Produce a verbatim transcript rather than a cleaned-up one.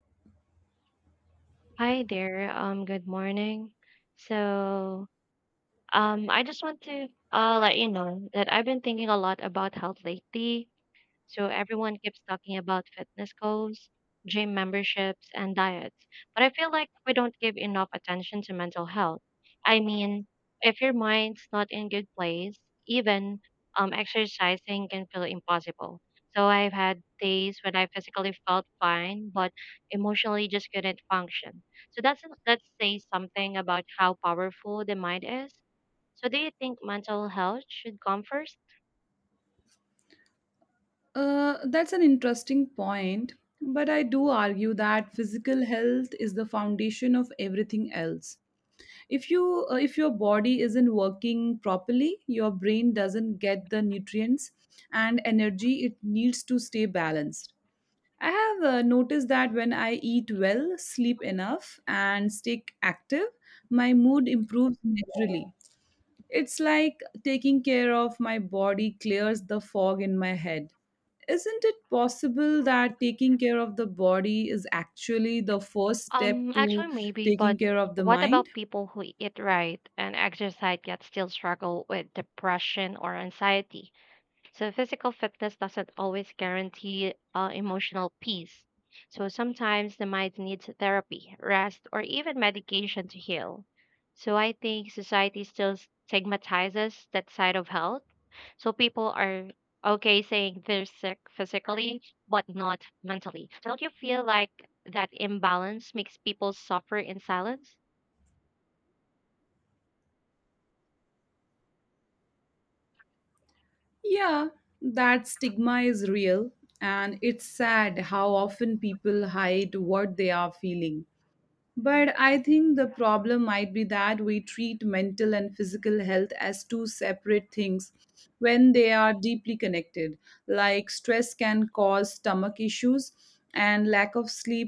Hi there. Um, good morning. So, um, I just want to uh let you know that I've been thinking a lot about health lately. So everyone keeps talking about fitness goals, gym memberships, and diets. But I feel like we don't give enough attention to mental health. I mean, if your mind's not in good place, even um, exercising can feel impossible. So I've had days when I physically felt fine, but emotionally just couldn't function. So that's that says something about how powerful the mind is. So do you think mental health should come first? Uh, that's an interesting point, but I do argue that physical health is the foundation of everything else. If you uh, if your body isn't working properly, your brain doesn't get the nutrients and energy it needs to stay balanced. I have uh, noticed that when I eat well, sleep enough, and stay active, my mood improves naturally. It's like taking care of my body clears the fog in my head. Isn't it possible that taking care of the body is actually the first step Um, to Actually, maybe, taking but care of the what mind? about people who eat right and exercise yet still struggle with depression or anxiety? So physical fitness doesn't always guarantee uh, emotional peace. So sometimes the mind needs therapy, rest, or even medication to heal. So I think society still stigmatizes that side of health. So people are okay saying they're sick physically, but not mentally. So don't you feel like that imbalance makes people suffer in silence? Yeah, that stigma is real, and it's sad how often people hide what they are feeling. But I think the problem might be that we treat mental and physical health as two separate things when they are deeply connected. Like stress can cause stomach issues, and lack of sleep